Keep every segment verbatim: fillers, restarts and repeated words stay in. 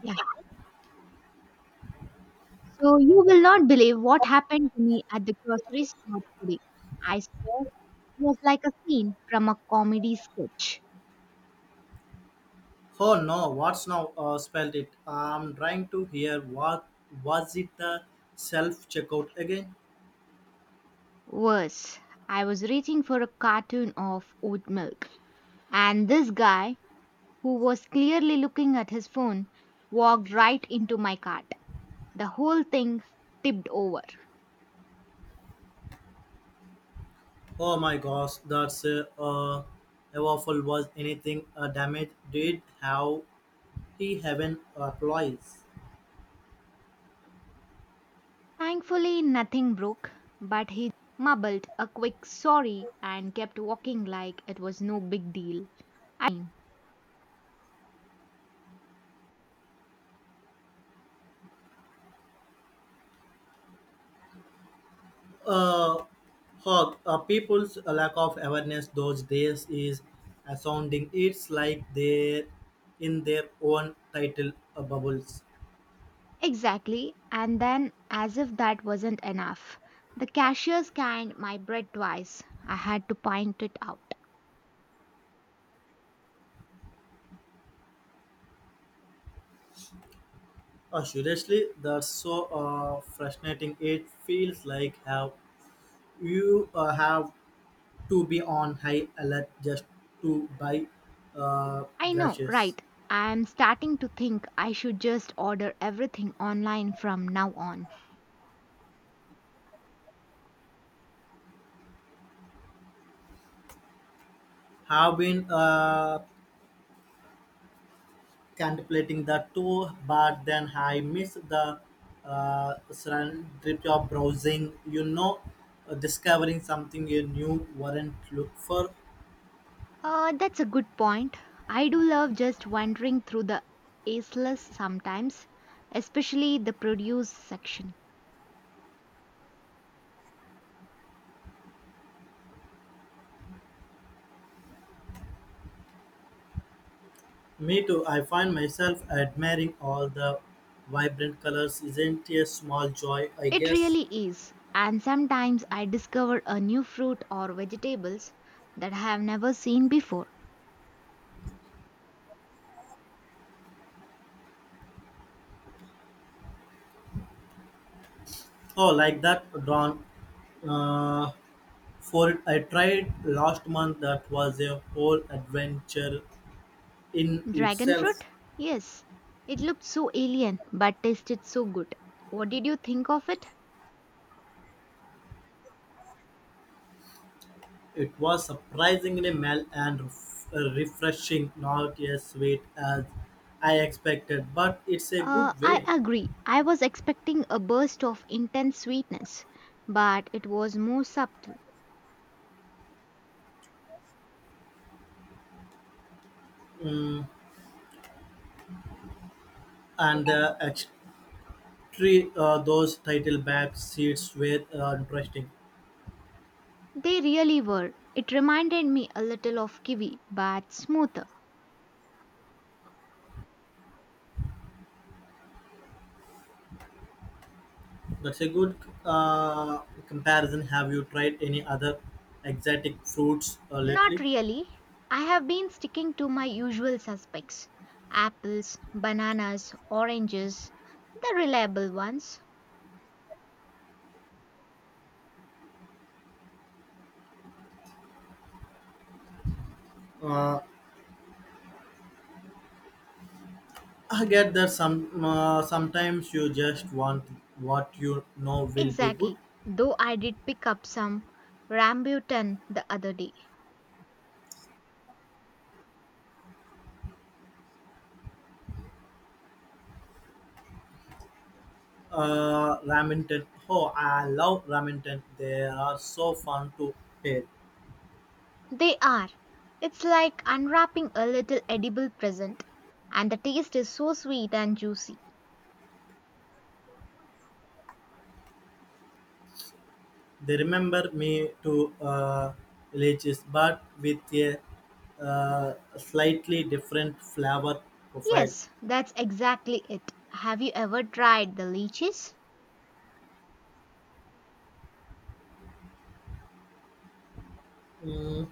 Yeah. So you will not believe what happened to me at the grocery store today. I swear it was like a scene from a comedy sketch. Oh no, what's now uh, spelled it? I'm trying to hear what was it the self checkout again? Worse, I was reaching for a carton of oat milk, and this guy, who was clearly looking at his phone, walked right into my cart. The whole thing tipped over. Oh my gosh, that's uh, uh, a waffle was anything uh, damaged? Did how he haven't uh, applies? Thankfully, nothing broke, but he mumbled a quick sorry and kept walking like it was no big deal. Uh, Hog, uh, people's lack of awareness those days is astounding. It's like they're in their own title uh, bubbles. Exactly. And then, as if that wasn't enough, the cashier scanned my bread twice. I had to point it out. Uh, seriously, that's so uh, frustrating. It feels like how you uh, have to be on high alert just to buy uh, I know, right? grashes. I'm starting to think I should just order everything online from now on. Have been uh, contemplating the two, but then I miss the uh, trip of browsing. You know, uh, discovering something you knew weren't look for. Uh, that's a good point. I do love just wandering through the aisles sometimes, especially the produce section. Me too. I find myself admiring all the vibrant colors. Isn't it a small joy? I It guess. really is. And sometimes I discover a new fruit or vegetables that I have never seen before. Oh, like that drawn. Uh, For it, I tried last month. That was a whole adventure in Dragon itself. fruit? Yes. It looked so alien but tasted so good. What did you think of it? It was surprisingly mild and ref- uh, refreshing, not as sweet as I expected, but it's a Uh, good I way. agree. I was expecting a burst of intense sweetness, but it was more subtle. Mm, and uh, actually, uh, those title back seats were uh, interesting. They really were. It reminded me a little of kiwi, but smoother. That's a good uh, comparison. Have you tried any other exotic fruits uh, Not lately? really. I have been sticking to my usual suspects: apples, bananas, oranges, the reliable ones. Uh, I get that some uh, sometimes you just want what you know will be good. Exactly. Though I did pick up some rambutan the other day. Uh, Ramington, oh, I love ramen Ramington. They are so fun to pair. They are. It's like unwrapping a little edible present. And the taste is so sweet and juicy. They remember me to uh, villages, but with a uh, slightly different flavor profile. Yes, that's exactly it. Have you ever tried the leeches? Mm,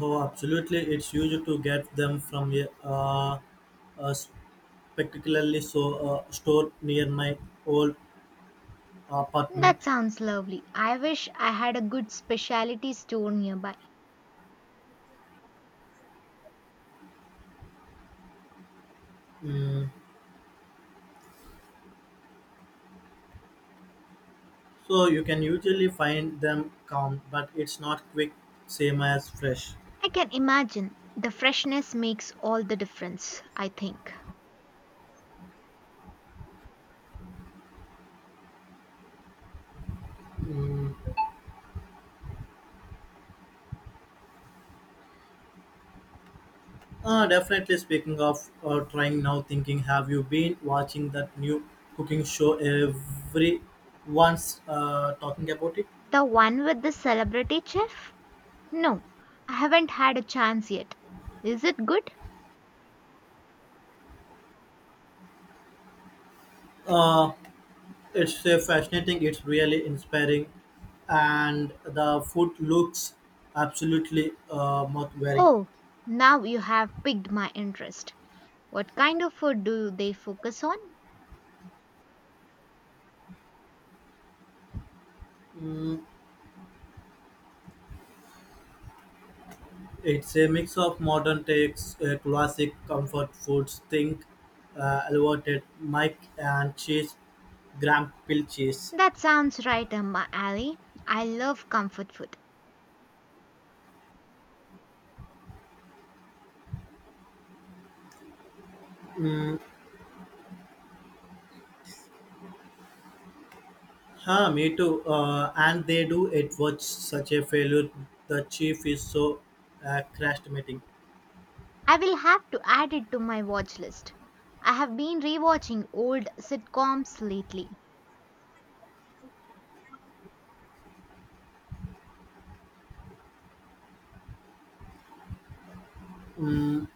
oh, absolutely! It's usual to get them from a, uh, a particularly so uh, store near my old apartment. That sounds lovely. I wish I had a good specialty store nearby. Mm, so you can usually find them calm, but it's not quick, same as fresh. I can imagine the freshness makes all the difference, I think. Mm, uh, definitely speaking of uh, trying now thinking, have you been watching that new cooking show everyone's uh, talking about it? The one with the celebrity chef? No, I haven't had a chance yet. Is it good? Uh, it's uh, fascinating, it's really inspiring, and the food looks absolutely uh, mouth-watering. Oh, now you have piqued my interest. What kind of food do they focus on? Mm, it's a mix of modern takes, uh, classic comfort foods, think uh, elevated Mike and cheese, Graham Pill cheese. That sounds right up my alley. I love comfort food. Huh, me too. Uh, and they do. It was such a failure. The chief is so uh, crashed meeting. I will have to add it to my watch list. I have been rewatching old sitcoms lately. Mm,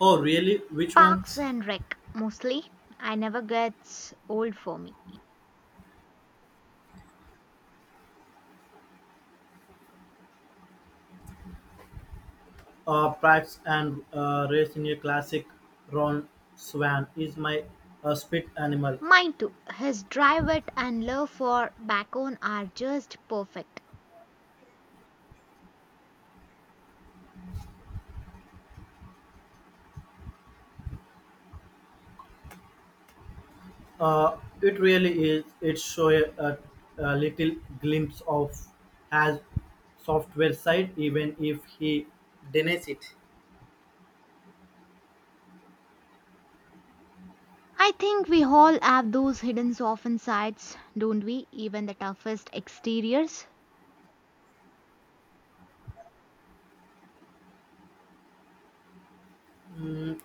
oh, really? Which Parks ones? and Rec, mostly. I never gets old for me. Uh, Prax and uh, raised in a classic Ron Swan is my uh, spit animal. Mine too. His drive wit and love for bacon are just perfect. Uh, it really is. It shows a, a little glimpse of has software side, even if he denies it. I think we all have those hidden softened sides, don't we? Even the toughest exteriors. Mm,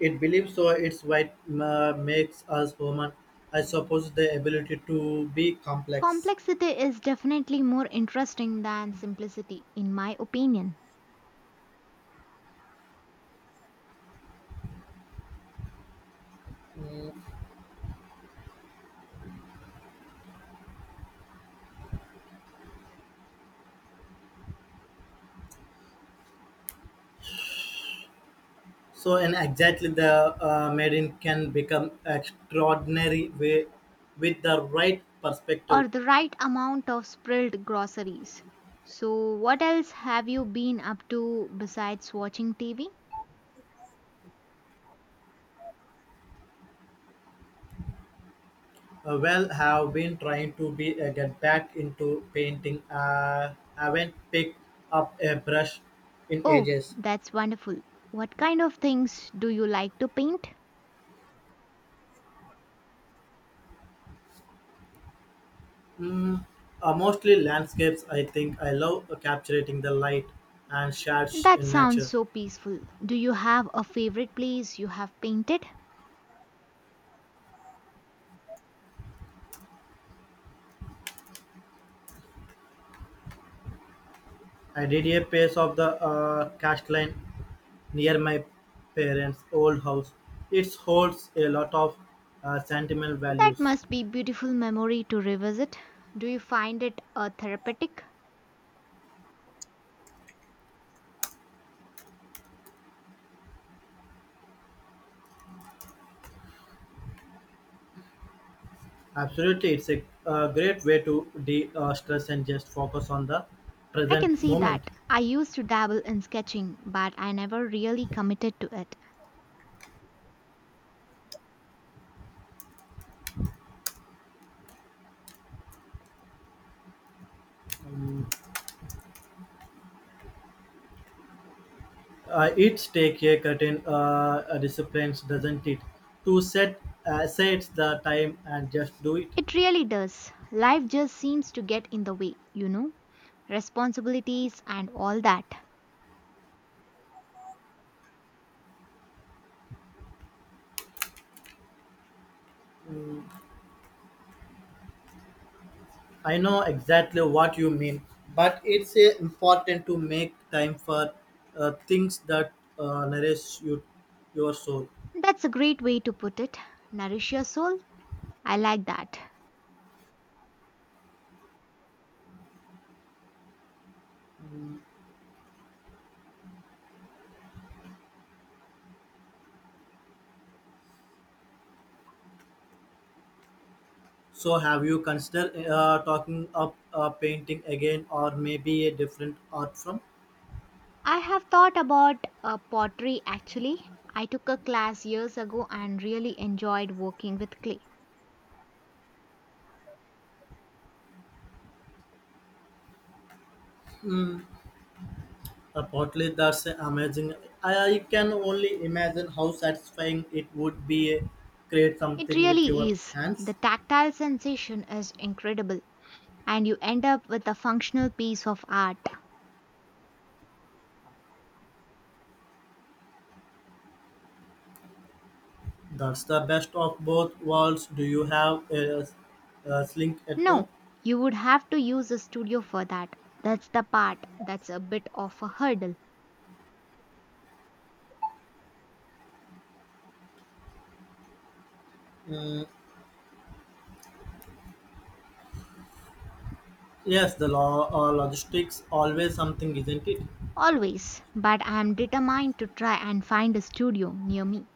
it believes so. It's what ma- makes us human. I suppose the ability to be complex. Complexity is definitely more interesting than simplicity, in my opinion, So, and exactly the uh, maiden can become extraordinary way with the right perspective. or the right amount of spilled groceries. So, what else have you been up to besides watching T V? Uh, well, have been trying to be uh, get back into painting. Uh, haven't picked up a brush in Oh, ages. that's wonderful. What kind of things do you like to paint? Mm, uh, mostly landscapes. I think I love uh, capturing the light and shadows That in sounds nature. so peaceful. Do you have a favorite place you have painted? I did a piece of the uh, cast line near my parents' old house. It holds a lot of uh, sentimental That values. must be beautiful memory to revisit. Do you find it uh, therapeutic? Absolutely, it's a, uh great way to de uh, stress and just focus on the I present can see moment. that. I used to dabble in sketching, but I never really committed to it. Uh, it's take a curtain uh, uh, disciplines, doesn't it? To set uh, say the time and just do it. It really does. Life just seems to get in the way, you know? Responsibilities and all that. I know exactly what you mean, but it's uh, important to make time for uh, things that uh, nourish you, your soul. That's a great way to put it. Nourish your soul. I like that. So, have you considered uh, talking up uh, painting again, or maybe a different art form? I have thought about uh, pottery actually. I took a class years ago and really enjoyed working with clay. Uh, Partly that's amazing. I, I can only imagine how satisfying it would be uh, create It something with really your is. The hands. tactile sensation is incredible, and you end up with a functional piece of art. That's the best of both worlds. Do you have a, a sling at home? No, you would have to use a studio for that. That's the part that's a bit of a hurdle. Mm, yes, the law uh, logistics always something, isn't it? Always, but I am determined to try and find a studio near me.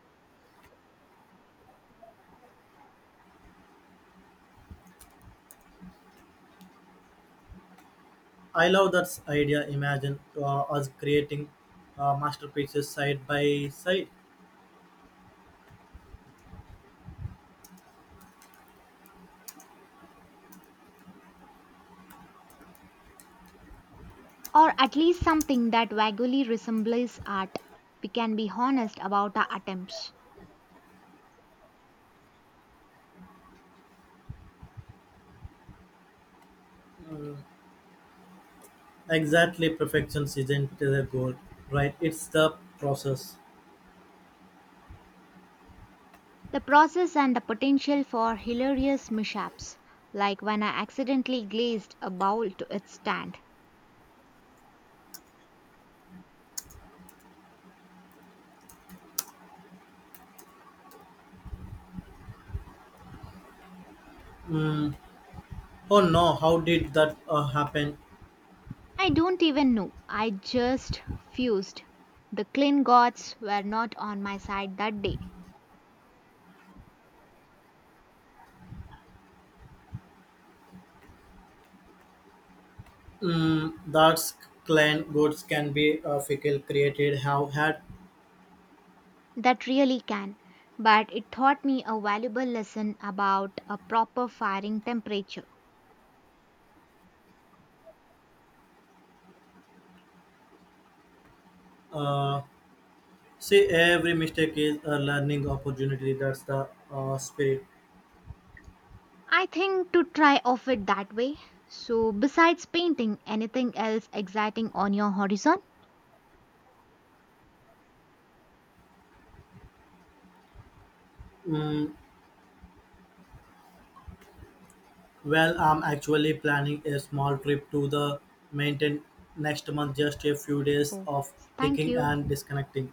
I love that idea. Imagine uh, us creating uh, masterpieces side by side. Or at least something that vaguely resembles art. We can be honest about our attempts. Exactly, perfection isn't the goal, right? It's the process. The process and the potential for hilarious mishaps, like when I accidentally glazed a bowl to its stand. Oh no, how did that uh, happen? I don't even know. I just fused. The clean gods were not on my side that day. Mm, that's clan goods can be uh, fickle created. Have had That really can. But it taught me a valuable lesson about a proper firing temperature. uh, see every mistake is a learning opportunity. That's the uh, spirit. I think to try off it that way. So, besides painting, anything else exciting on your horizon? Mm, well, I'm actually planning a small trip to the mountain next month. Just a few days Oh, of thank hiking you. and disconnecting.